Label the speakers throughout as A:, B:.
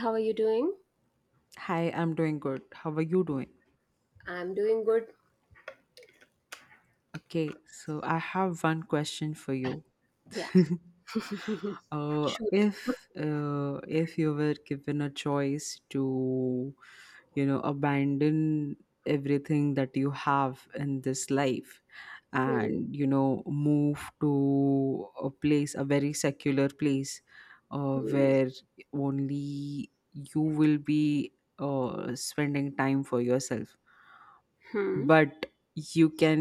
A: How are you doing?
B: Hi, I'm doing good. How are you doing?
A: I'm doing good.
B: Okay, so I have one question for you.
A: Yeah.
B: Uh,
A: Shoot.
B: if uh, if you were given a choice to, abandon everything that you have in this life
A: Hmm,
B: and move to a place, a very secular place,
A: hmm,
B: where only you will be spending time for yourself.
A: hmm,
B: But you can,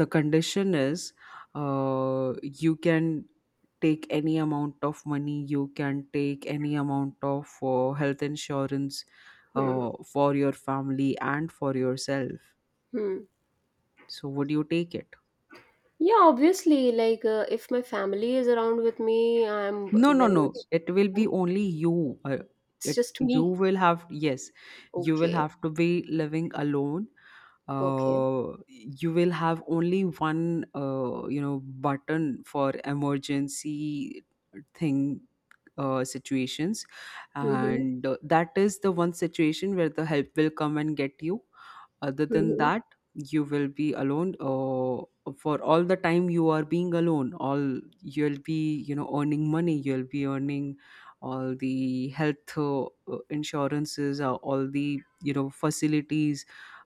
B: the condition is, you can take any amount of money, you can take any amount of health insurance
A: hmm,
B: for your family and for yourself.
A: hmm.
B: So would you take it?
A: Yeah, obviously, like if my family is around with me,
B: No, no,
A: very
B: no.
A: much
B: It will be
A: then
B: only you.
A: it's
B: It
A: just
B: you
A: me.
B: will have, yes, you will
A: Okay,
B: have to be living alone.
A: okay.
B: You will have only one button for emergency thing situations,
A: Mm-hmm,
B: and that is the one situation where the help will come and get you. Other than
A: mm-hmm,
B: that, you will be alone for all the time. You are being alone, all you'll be earning money. You'll be earning all the health insurances, all the facilities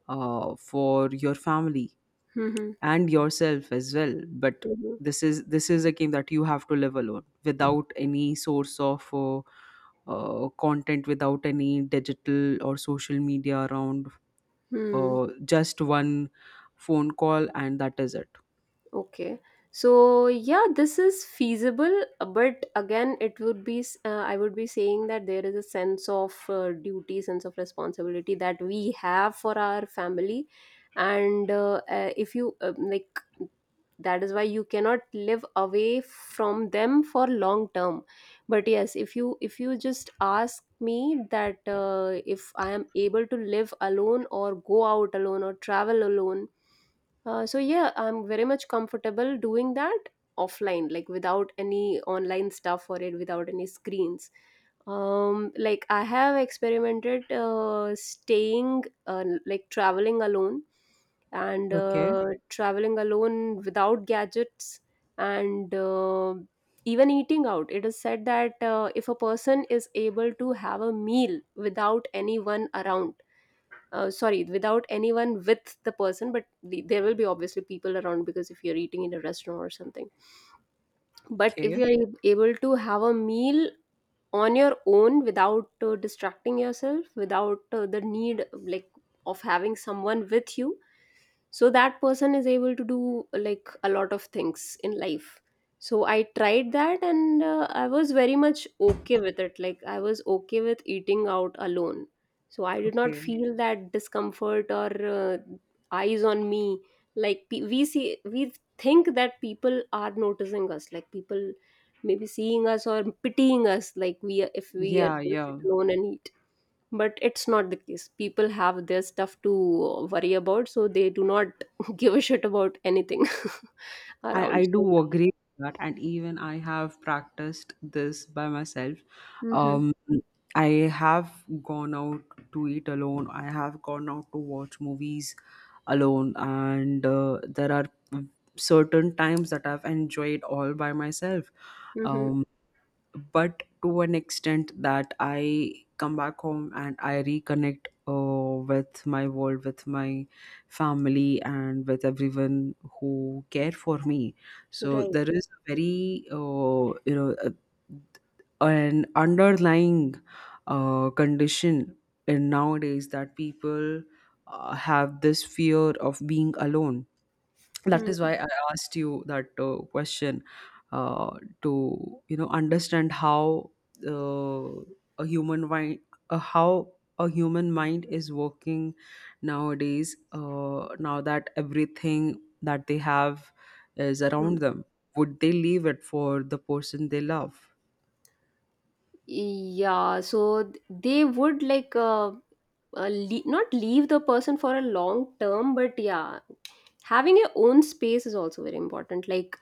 B: for your family
A: mm-hmm,
B: and yourself as well. But this is a game that you have to live alone without any source of content, without any digital or social media around.
A: mm-hmm.
B: Just one phone call and that is it.
A: Okay. So yeah, this is feasible, but again, it would be I would be saying that there is a sense of duty, sense of responsibility that we have for our family, and if you like, that is why you cannot live away from them for long term. But yes, if you just ask me that if I am able to live alone or go out alone or travel alone so yeah, I'm very much comfortable doing that offline, like without any online stuff for it, without any screens. Like I have experimented staying, like traveling alone, and
B: Okay.
A: traveling alone without gadgets, and even eating out. It is said that if a person is able to have a meal without anyone around sorry without anyone with the person but there will be obviously people around because if you're eating in a restaurant or something but if
B: Okay,
A: able to have a meal on your own without distracting yourself without the need like of having someone with you so that person is able to do like a lot of things in life so I tried that and I was very much okay with it, like I was okay with eating out alone, so I did not
B: okay.
A: feel that discomfort or uh, eyes on me, like we see we think that people are noticing us, like people maybe seeing us or pitying us, like if we are
B: Yeah,
A: we
B: yeah.
A: alone and eat, but it's not the case. People have their stuff to worry about, so they do not give a shit about anything
B: I,
A: around.
B: I
A: So
B: do agree with that. And even I have practiced this by myself.
A: yeah, mm-hmm,
B: Um, I have gone out to eat alone. I have gone out to watch movies alone. And there are certain times that I've enjoyed all by myself.
A: mm-hmm,
B: Um, but to an extent that I come back home and I reconnect with my world, with my family, and with everyone who care for me. So
A: right,
B: there is a very you know a, an underlying condition in nowadays that people have this fear of being alone. That is
A: mm-hmm.
B: why I asked you that question, uh, to understand how uh, a human mind how a human mind is working nowadays, now that everything that they have is around them, would they leave it for the person they love?
A: Yeah, so they would like not leave the person for a long term, but yeah, having your own space is also very important, like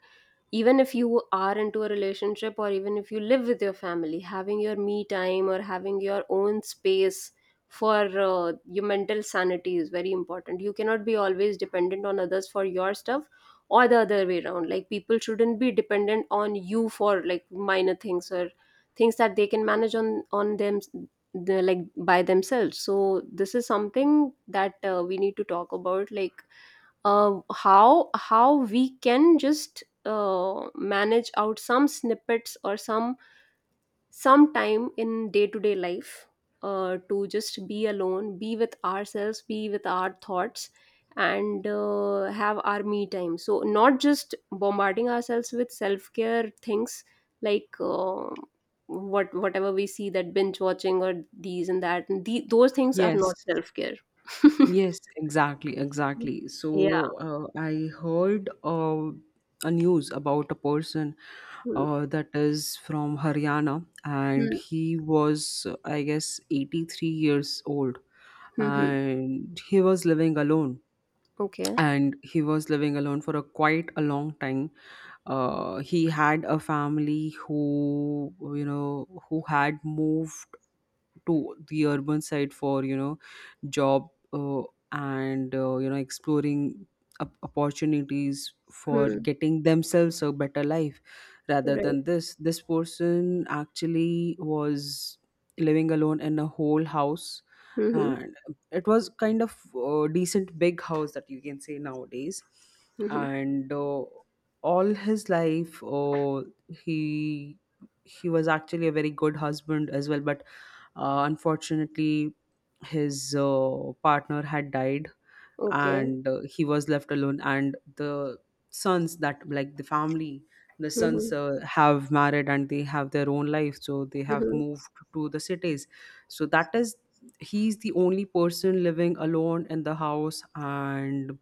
A: even if you are into a relationship or even if you live with your family, having your me time or having your own space for your mental sanity is very important. You cannot be always dependent on others for your stuff, or the other way around, like people shouldn't be dependent on you for like minor things, or things that they can manage on them like by themselves. So this is something that we need to talk about, like how we can just manage out some snippets or some time in day to day life, to just be alone, be with ourselves, be with our thoughts, and have our me time. So not just bombarding ourselves with self care things like. Whatever we see, that binge watching or these and that and those things are
B: Yes.
A: not self care.
B: Yes, exactly, exactly.
A: Yeah.
B: So I heard a news about a person
A: Hmm.
B: that is from Haryana, and
A: Hmm.
B: he was, I guess, 83 years old,
A: Hmm.
B: and he was living alone.
A: Okay.
B: And he was living alone for a quite a long time. He had a family who, you know, who had moved to the urban side for job, and you know exploring opportunities for
A: Hmm.
B: getting themselves a better life, rather
A: Right.
B: than this person actually was living alone in a whole house.
A: Mhm.
B: And it was kind of decent big house that you can say nowadays.
A: Mhm.
B: And all his life, he he was actually a very good husband as well. But unfortunately, his partner had died,
A: Okay.
B: and he was left alone. And the sons, that, like the family, the sons
A: Mhm.
B: have married and they have their own life. So they have
A: Mhm.
B: moved to the cities. So that is, he's the only person living alone in the house, and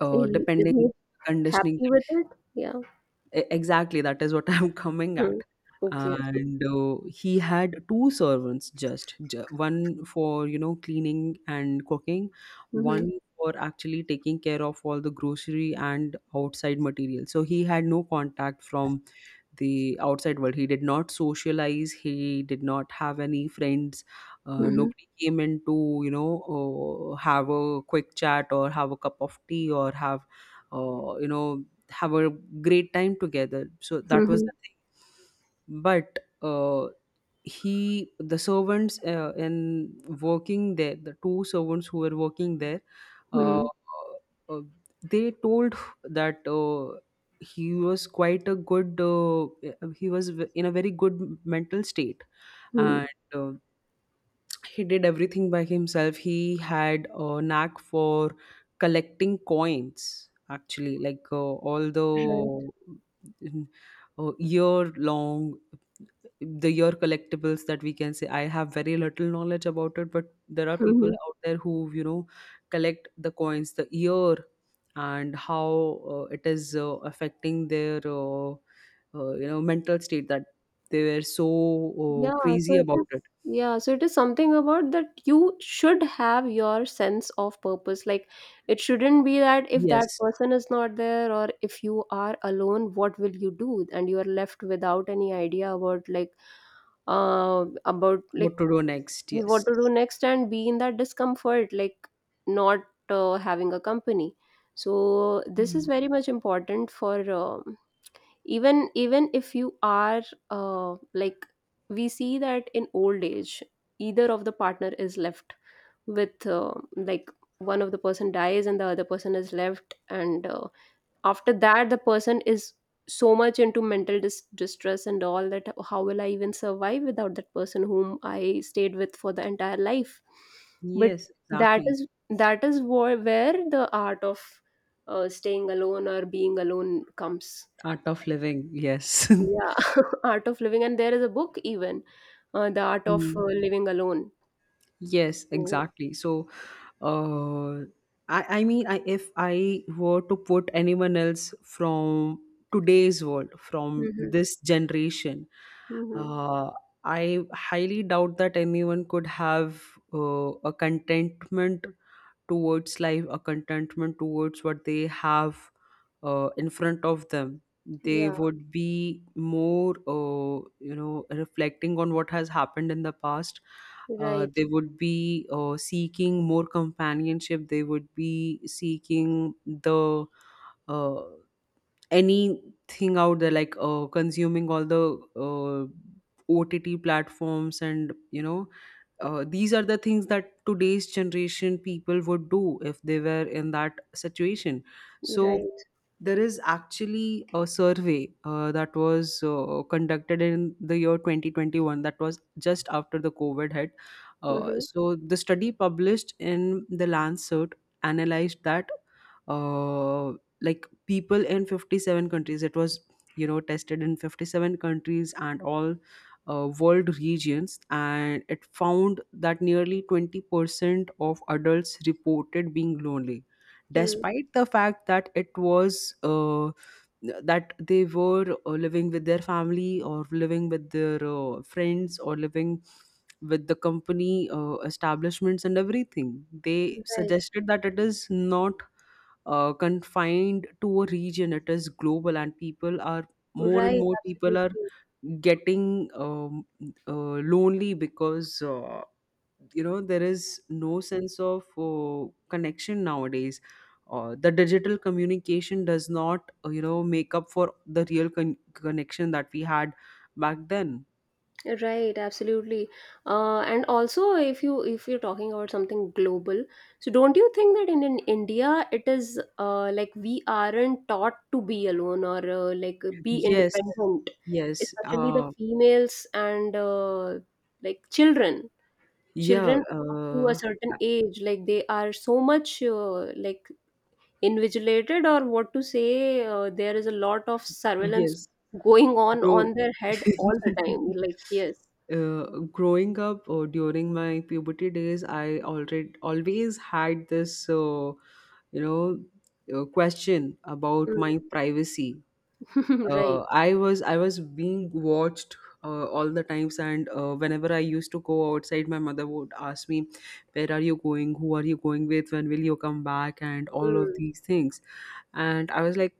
A: Is
B: depending on
A: he
B: the conditioning.
A: happy with it? Yeah.
B: E- exactly, that is what I'm coming
A: Hmm.
B: at.
A: Okay.
B: And he had two servants, just one for cleaning and cooking,
A: Mhm.
B: one for actually taking care of all the grocery and outside material. So he had no contact from the outside world. He did not socialize, he did not have any friends.
A: Mhm.
B: Nobody came in to you know have a quick chat or have a cup of tea or have uh, you know have a great time together. So that was
A: Mhm.
B: the thing. But he, the servants in working there, the two servants who were working there, uh,
A: Mhm.
B: uh, they told that he was quite a good, he was in a very good mental state. And
A: Mhm.
B: uh, he did everything by himself. He had a knack for collecting coins actually, like, all
A: Right.
B: the year long, the year collectibles, that we can say. I have very little knowledge about it, but there are people
A: Mhm.
B: out there who collect the coins, the year, and how it is affecting their mental state, that they were so
A: Yeah. So
B: crazy
A: it
B: about
A: is.
B: it.
A: Yeah. So it is something about that you should have your sense of purpose. Like it shouldn't be that if that
B: Yes.
A: person is not there or if you are alone, what will you do? And you are left without any idea about like
B: What to do next?
A: what
B: Yes.
A: to do next and be in that discomfort, like not having a company. So this is
B: Mm.
A: very much important for even even if you are like we see that in old age either of the partner is left with like one of the person dies and the other person is left and after that the person is so much into mental distress and all that, how will I even survive without that person whom I stayed with for the entire life. But
B: Yes,
A: that
B: exactly.
A: is that is where the art of staying alone or being alone comes.
B: Art of living. Yes.
A: Yeah, art of living. And there is a book even, the art of
B: Mm.
A: living alone.
B: Yes,
A: So,
B: exactly. So, uh, I mean, I, if I were to put anyone else from today's world, from
A: mhm,
B: this generation,
A: mhm.
B: uh, I highly doubt that anyone could have a contentment towards life, a contentment towards what they have in front of them. They
A: Yeah,
B: would be more, reflecting on what has happened in the past.
A: right,
B: They would be seeking more companionship, they would be seeking the uh, anything out there, like consuming all the uh, ott platforms and these are the things that today's generation people would do if they were in that situation. So
A: right,
B: there is actually a survey that was conducted in the year 2021, that was just after the covid hit.
A: mm-hmm,
B: So the study published in the lancet analyzed that, uh, like people in 57 countries, it was tested in 57 countries and all world regions, and it found that nearly 20% of adults reported being lonely,
A: mm-hmm,
B: despite the fact that it was that they were living with their family or living with their friends or living with the company establishments and everything. They
A: right,
B: suggested that it is not confined to a region, it is global, and people are
A: right,
B: more people are
A: absolutely.
B: getting lonely, because there is no sense of connection nowadays. The digital communication does not make up for the real connection that we had back then.
A: Right, absolutely. And also, if you if you're talking about something global, so don't you think that in India it is like we aren't taught to be alone or like be
B: Yes.
A: independent,
B: yes
A: especially the females and like children,
B: yeah
A: children up to a certain age, like they are so much like invigilated or what to say, there is a lot of surveillance
B: yes
A: going
B: grow
A: on their head all the time. Like yes.
B: uh, Growing up, or during my puberty days, I already always had this you know question about
A: Mm.
B: my privacy.
A: Right.
B: I was being watched all the times, and whenever I used to go outside, my mother would ask me, "Where are you going? Who are you going with? When will you come back?" and all of
A: Mm.
B: these things. And I was like,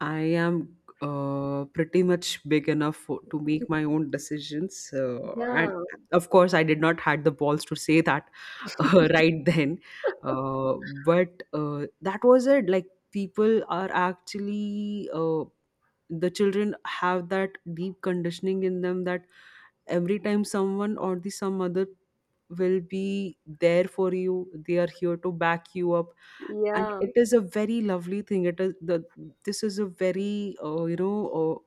B: I am pretty much big enough for, to make my own decisions, and
A: Yeah.
B: of course, I did not had the balls to say that right then. Uh, but that was it. Like people are actually the children have that deep conditioning in them, that every time someone or the some other will be there for you, they are here to back you up. And
A: Yeah.
B: it is a very lovely thing. It is the This is a very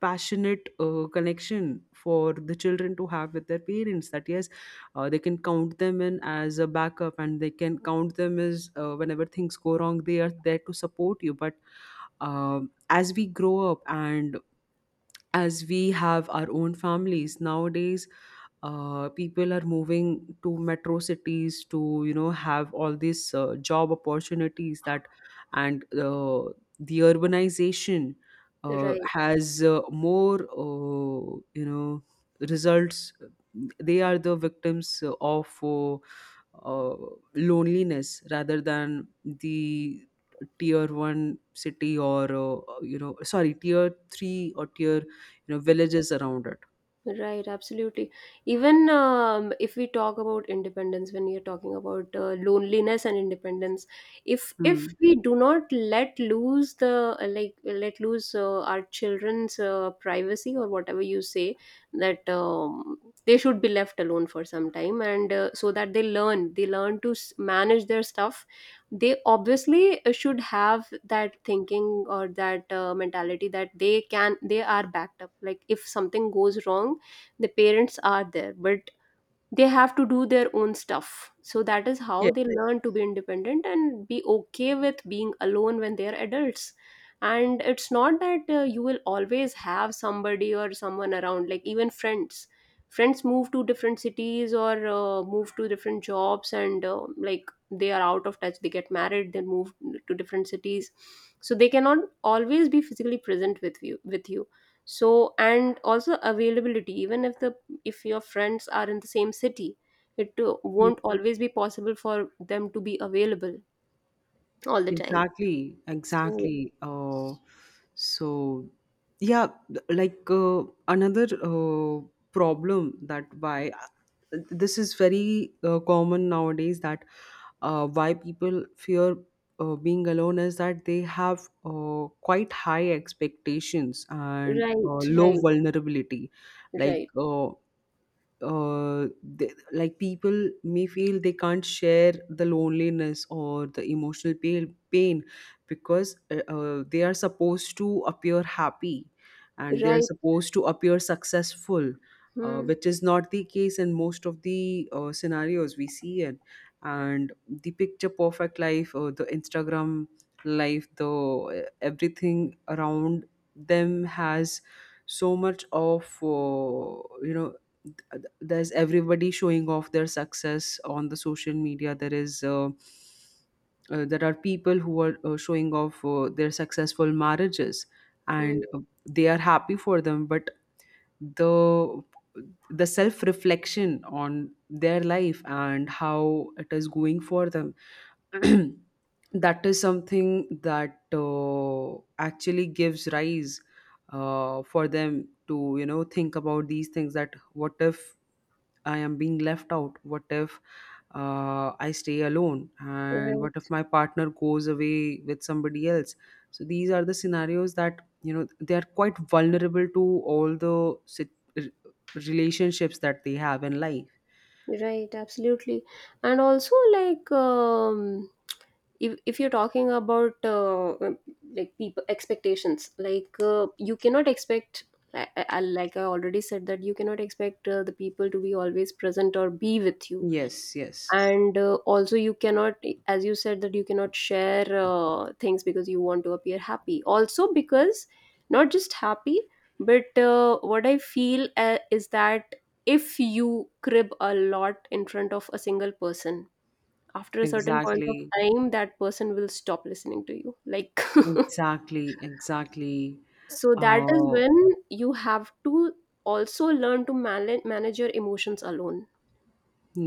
B: passionate connection for the children to have with their parents, that yes, they can count them in as a backup, and they can count them as, whenever things go wrong, they are there to support you. But um, as we grow up, and as we have our own families nowadays, people are moving to metro cities to have all these job opportunities. That and the urbanization
A: Right.
B: has more you know results. They are the victims of uh, loneliness rather than the tier 1 city, or sorry, tier 3 or tier, villages around it.
A: Right, absolutely. Even if we talk about independence, when you're talking about loneliness and independence, if
B: Hmm.
A: if we do not let lose the like let lose our children's privacy or whatever you say, that they should be left alone for some time, and so that they learn to manage their stuff. They obviously should have that thinking or that mentality that they are backed up. Like if something goes wrong the parents are there, but they have to do their own stuff, so that is how
B: Yeah.
A: they learn to be independent and be okay with being alone when they are adults. And it's not that you will always have somebody or someone around, like even friends, friends move to different cities or move to different jobs and like they are out of touch, they get married, they move to different cities, so they cannot always be physically present with you. So and also availability, even if the if your friends are in the same city, it won't always be possible for them to be available all the time.
B: Exactly,
A: So
B: exactly. So, yeah, like another problem, that why this is very common nowadays, that why people fear being alone, is that they have quite high expectations and
A: right,
B: low
A: right,
B: vulnerability. Like,
A: right,
B: like people may feel they can't share the loneliness or the emotional pain, because they are supposed to appear happy and they are
A: right,
B: supposed to appear successful,
A: hmm,
B: which is not the case in most of the scenarios we see it. And the picture perfect life, the Instagram life, the everything around them has so much of you know there's everybody showing off their success on the social media. There is there are people who are showing off their successful marriages, and
A: hmm,
B: they are happy for them, but the the self reflection on their life and how it is going for them that is something that actually gives rise for them to think about these things, that what if I am being left out? What if I stay alone? And what if
A: right,
B: my partner goes away with somebody else? So these are the scenarios that, you know, they are quite vulnerable to all the relationships that they have in life.
A: right, absolutely. And also like if you're talking about like people expectations like you cannot expect I already said that you cannot expect the people to be always present or be with you.
B: Yes, yes,
A: And also you cannot, as you said, that you cannot share things because you want to appear happy, also because not just happy, but what I feel is that if you crib a lot in front of a single person, after a certain point of
B: exactly,
A: time that person will stop listening to you like
B: exactly.
A: so that is
B: Uh,
A: when you have to also learn to manage your emotions alone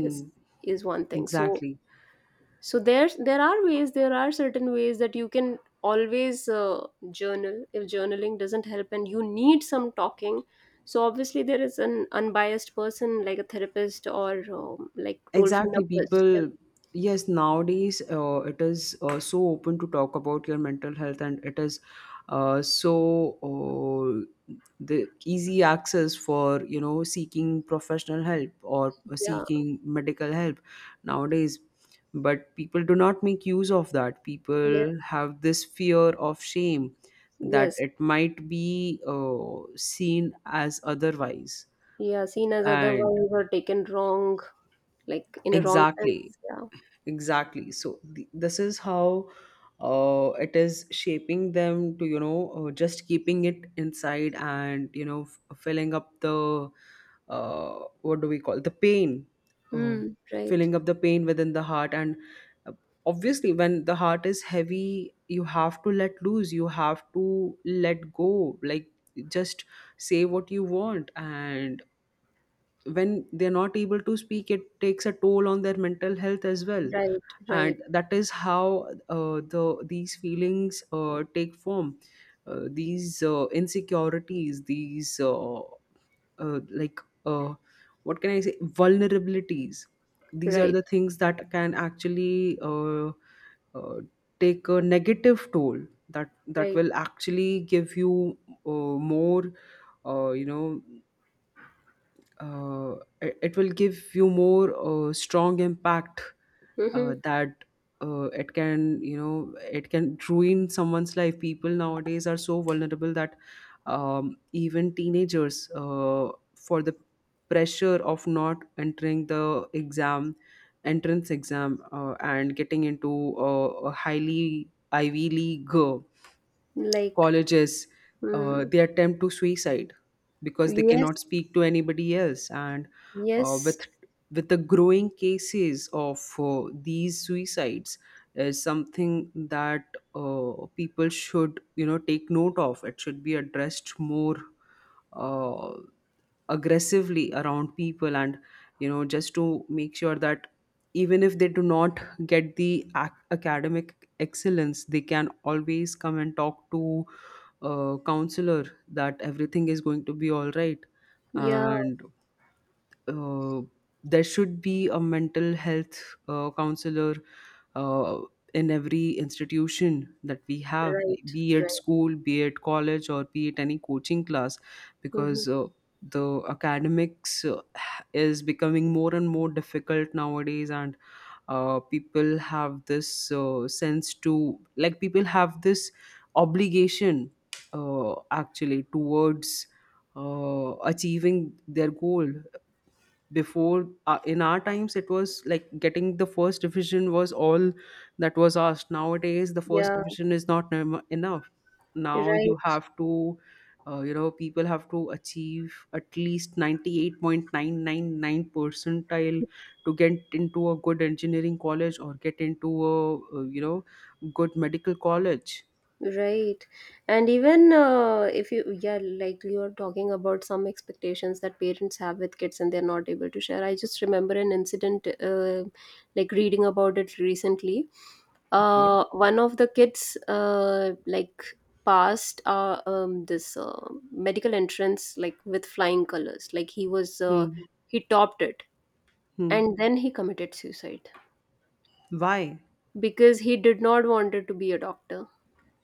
A: is is one thing. So
B: exactly.
A: so there's there are ways, there are certain ways that you can always journal. If journaling doesn't help and you need some talking, so obviously there is an unbiased person like a therapist or like toll-free
B: Exactly,
A: numbers. Yeah,
B: people. Yes, nowadays it is so open to talk about your mental health, and it is so uh, the easy access for you know seeking professional help or
A: yeah,
B: seeking medical help nowadays. But people do not make use of that.
A: yes,
B: People have this fear of shame that
A: yes,
B: it might be seen as otherwise,
A: yeah, seen as
B: and
A: otherwise or taken wrong, like in a wrong
B: exactly
A: sense. Yeah,
B: exactly so this is how it is shaping them to you know just keeping it inside and you know filling up the what do we call the pain, uh,
A: hmm, right,
B: filling up the pain within the heart and, uh, obviously when the heart is heavy you have to let loose, you have to let go, like just say what you want. And when they're not able to speak, it takes a toll on their mental health as well.
A: right, right,
B: And that is how these feelings take form, these insecurities, these like uh, what can I say, vulnerabilities. These are
A: right,
B: the things that can actually uh, take a negative toll, that
A: right,
B: will actually give you more you know uh, it, it will give you more strong impact,
A: mm-hmm.
B: that it can, you know, it can ruin someone's life. People nowadays are so vulnerable that even teenagers, for the pressure of not entering the exam, entrance exam, and getting into a highly ivy league
A: Like
B: colleges,
A: mm,
B: they attempt to suicide because they
A: yes,
B: cannot speak to anybody else. And uh,
A: yes,
B: with with the growing cases of these suicides, is something that people should, you know, take note of. It should be addressed more uh, aggressively around people, and you know, just to make sure that even if they do not get the academic excellence, they can always come and talk to a counselor that everything is going to be all right.
A: yeah.
B: And uh, there should be a mental health counselor uh, in every institution that we have, like,
A: Right,
B: be it
A: right.
B: school, be it college, or be it any coaching class,
A: Hmm.
B: because the academics is becoming more and more difficult nowadays. And people have this sense to, like, people have this obligation actually towards achieving their goal. Before, in our times it was like getting the first division was all that was asked. Nowadays the first
A: Yeah,
B: division is not enough. Now you
A: right,
B: have to, you know, people have to achieve at least 98.999 percentile to get into a good engineering college or get into a, you know, good medical college.
A: right. And even if you, yeah, like you are talking about some expectations that parents have with kids and they're not able to share. I just remember an incident, like reading about it recently.
B: Okay.
A: One of the kids, like passed this medical entrance like with flying colors. Like he was,
B: Hmm.
A: he topped it,
B: Hmm.
A: and then he committed suicide
B: Why?
A: because he did not wanted to be a doctor,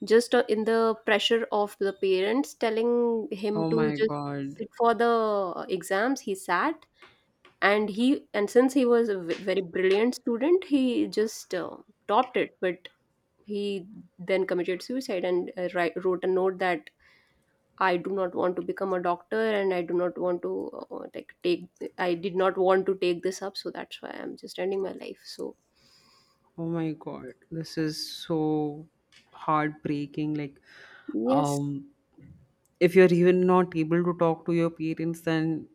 A: just in the pressure of the parents telling him
B: Oh
A: to
B: my
A: just
B: God.
A: sit for the exams. He sat, and he, and since he was a very brilliant student, he just topped it, but he then committed suicide and wrote a note that I do not want to become a doctor and I do not want to like take, I did not want to take this up, so that's why I'm just ending my life. So
B: Oh my God, this is so heartbreaking. Like,
A: yes,
B: um, if you're even not able to talk to your parents, then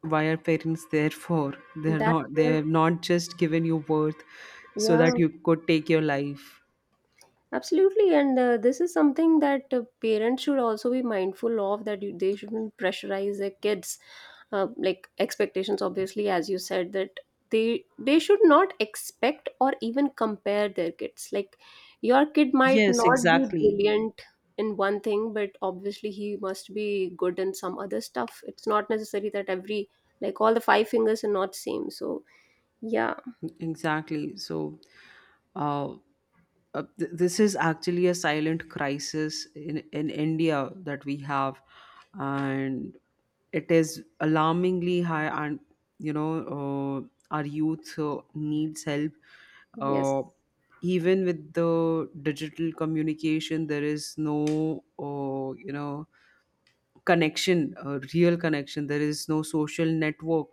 B: why are parents there for? They're
A: that's
B: not, they
A: what,
B: have not just given you birth so
A: yeah.
B: that you could take your life.
A: Absolutely, and this is something that parents should also be mindful of, that you, they shouldn't pressurize their kids. Like expectations, obviously, as you said, that they should not expect or even compare their kids. Like your kid might
B: Yes,
A: not be
B: exactly.
A: brilliant in one thing, but obviously he must be good in some other stuff. It's not necessary that every, like, all the five fingers are not same. So yeah,
B: Exactly. So, uh, this is actually a silent crisis in India that we have, and it is alarmingly high. And you know, our youth needs help.
A: yes,
B: Uh, Even with the digital communication, there is no, you know, connection, a real connection. There is no social network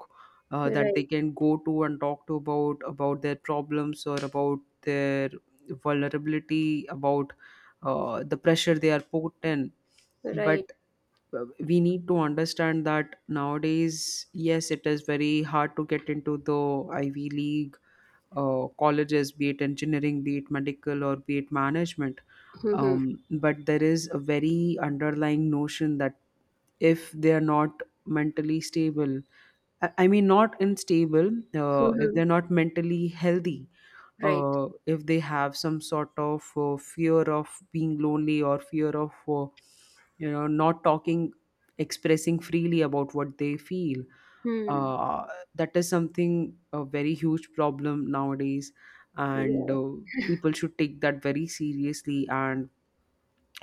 B: that they
A: right,
B: can go to and talk to about their problems or about their vulnerability, about the pressure they are put in.
A: right,
B: But we need to understand that nowadays, yes, it is very hard to get into the Ivy League colleges, be it engineering, be it medical, or be it management. But there is a very underlying notion that if they are not mentally stable, I mean, not unstable, if they're not mentally healthy,
A: right.
B: if they have some sort of fear of being lonely or fear of, you know, not talking, expressing freely about what they feel.
A: Hmm.
B: Uh, that is something a very huge problem nowadays, and
A: Yeah.
B: people should take that very seriously. And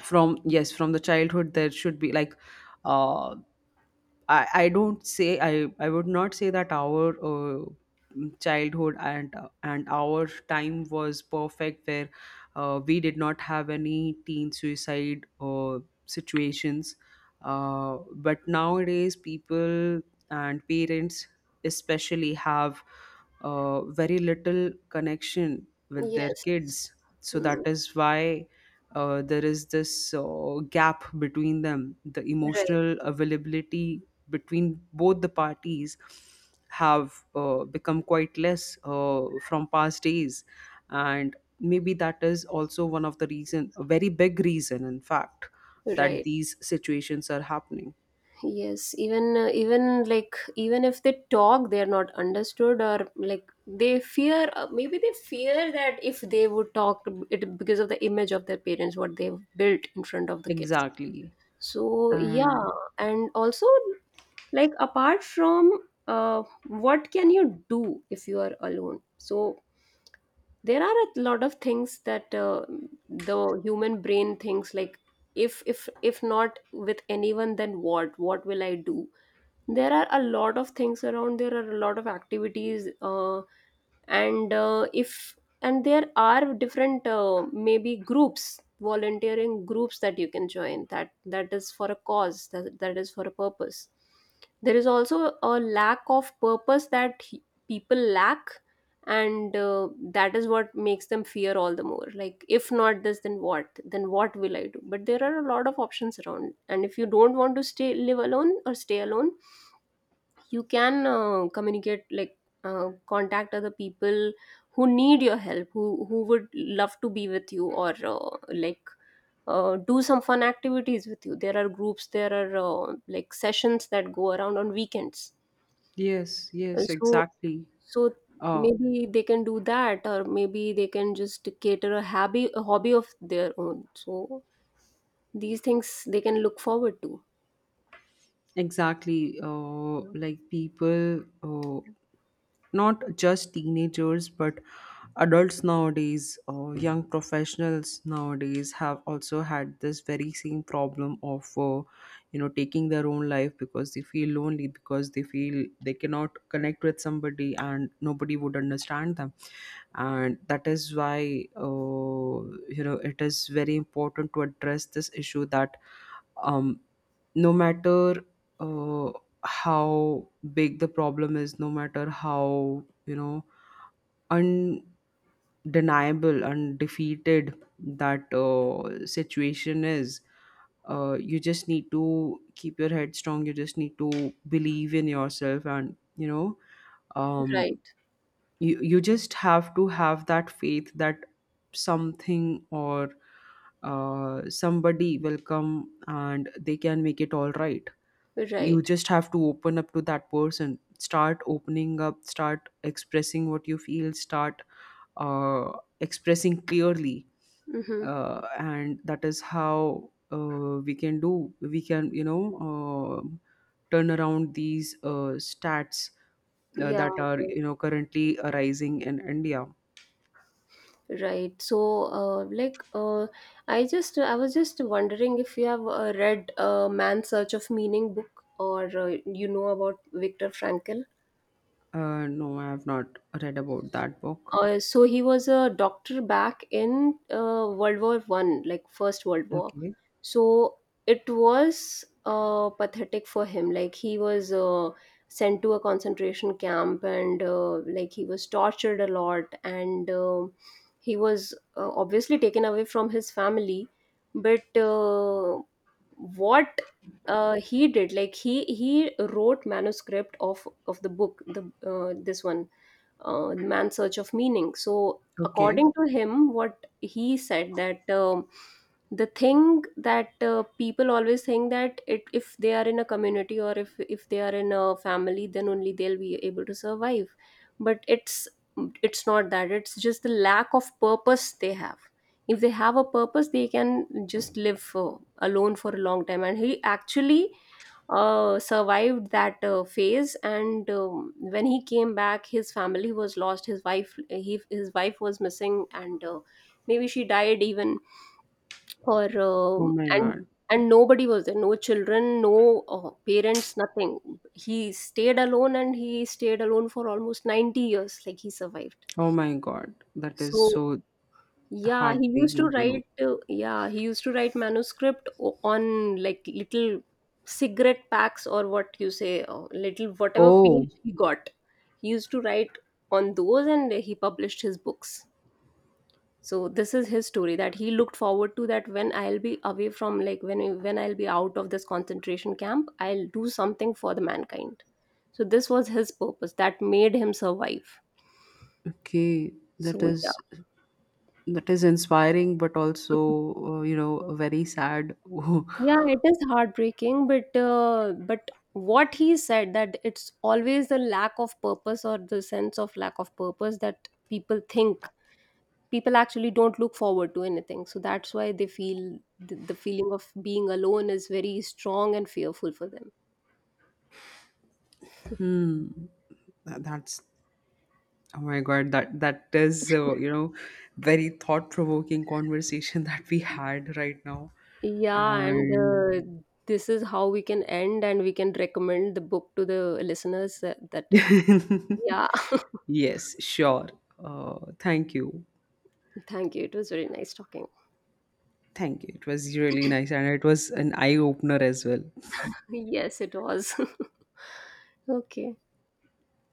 B: from, yes, from the childhood there should be like, uh I don't say, I would not say that our childhood and our time was perfect, where we did not have any teen suicide situations, but nowadays people and parents especially have very little connection with their
A: Yes.
B: kids. So that
A: Hmm.
B: is why there is this gap between them. The
A: Right.
B: emotional availability between both the parties have become quite less from past days, and maybe that is also one of the reason, a very big reason, in fact, that
A: Right.
B: these situations are happening.
A: Yes. Even even like even if they talk, they are not understood, or like they fear. Maybe they fear that if they would talk, it because of the image of their parents, what they've built in front of the kids.
B: Exactly.
A: So yeah,
B: And
A: and also like apart from what can you do if you are alone? So there are a lot of things that the human brain thinks like if not with anyone, then what will I do? There are a lot of things around, there are a lot of activities, and if and there are different maybe groups, volunteering groups that you can join, that is for a cause, that is for a purpose. There is also a lack of purpose that people lack. And uh, that is what makes them fear all the more, like if not this, then what, then what will I do? But there are a lot of options around, and if you don't want to stay live alone or stay alone, you can communicate, like contact other people who need your help, who would love to be with you, or like do some fun activities with you. There are groups, there are like sessions that go around on weekends.
B: yes,
A: Uh,
B: yes,
A: so
B: exactly.
A: so
B: Uh,
A: maybe they can do that, or maybe they can just cater a hobby, a hobby of their own. So these things they can look forward to.
B: Exactly. Like people, not just teenagers, but adults nowadays, young professionals nowadays have also had this very same problem of, you know, taking their own life because they feel lonely, because they feel they cannot connect with somebody and nobody would understand them. And that is why, you know, it is very important to address this issue that um, no matter uh, how big the problem is, no matter how, you know, undeniable, undefeated that situation is, you just need to keep your head strong. You just need to believe in yourself, and you know,
A: Right.
B: um, you, you just have to have that faith that something or somebody will come and they can make it all right. You
A: Right.
B: just have to open up to that person. Start opening up, start expressing what you feel, start uh, expressing clearly,
A: Mm-hmm.
B: and that is how we can, you know, um turn around these stats
A: Yeah.
B: that are,
A: Yeah.
B: you know, currently arising in India.
A: Right. So, like, I was just wondering if you have read Man's Search of Meaning book, or you know about Viktor Frankl.
B: No, I have not read about that book.
A: So he was a doctor back in World War One, like First World War.
B: Okay.
A: So it was pathetic for him. Like he was sent to a concentration camp, and like he was tortured a lot, and he was obviously taken away from his family. But what he did, like he wrote manuscript of the book, the this one Man's Search of Meaning. So
B: Okay.
A: according to him, what he said that the thing that people always think that it, if they are in a community, or if they are in a family, then only they'll be able to survive. But it's not that. It's just the lack of purpose they have. If they have a purpose, they can just live alone for a long time. And he actually survived that phase. And When he came back, his family was lost, his wife was missing, and maybe she died even, or
B: Oh my God.
A: and nobody was there, no children, no parents, nothing. He stayed alone, and he stayed alone for almost 90 years. Like he survived.
B: Oh my God, that is
A: So
B: so
A: yeah, he used to
B: heartbreaking to know.
A: write. Yeah, he used to write manuscript on like little cigarette packs, or what you say, or little whatever
B: Oh.
A: page he got. He used to write on those, and he published his books. So this is his story that he looked forward to. That when I'll be away from, like when I'll be out of this concentration camp, I'll do something for the mankind. So this was his purpose that made him survive.
B: Okay, that
A: So yeah.
B: is, that is inspiring, but also you know, very sad.
A: Yeah, it is heartbreaking, but what he said that it's always the lack of purpose or the sense of lack of purpose that people think, people actually don't look forward to anything. So that's why they feel the feeling of being alone is very strong and fearful for them.
B: Hmm, that- that's oh my god, that that is you know, very thought provoking conversation that we had right now,
A: Yeah, and
B: and
A: this is how we can end, and we can recommend the book to the listeners, that yeah.
B: yes, sure. Thank you,
A: Thank you. It was very nice talking.
B: thank you. It was really nice, and it was an eye opener as well.
A: Yes, it was. Okay.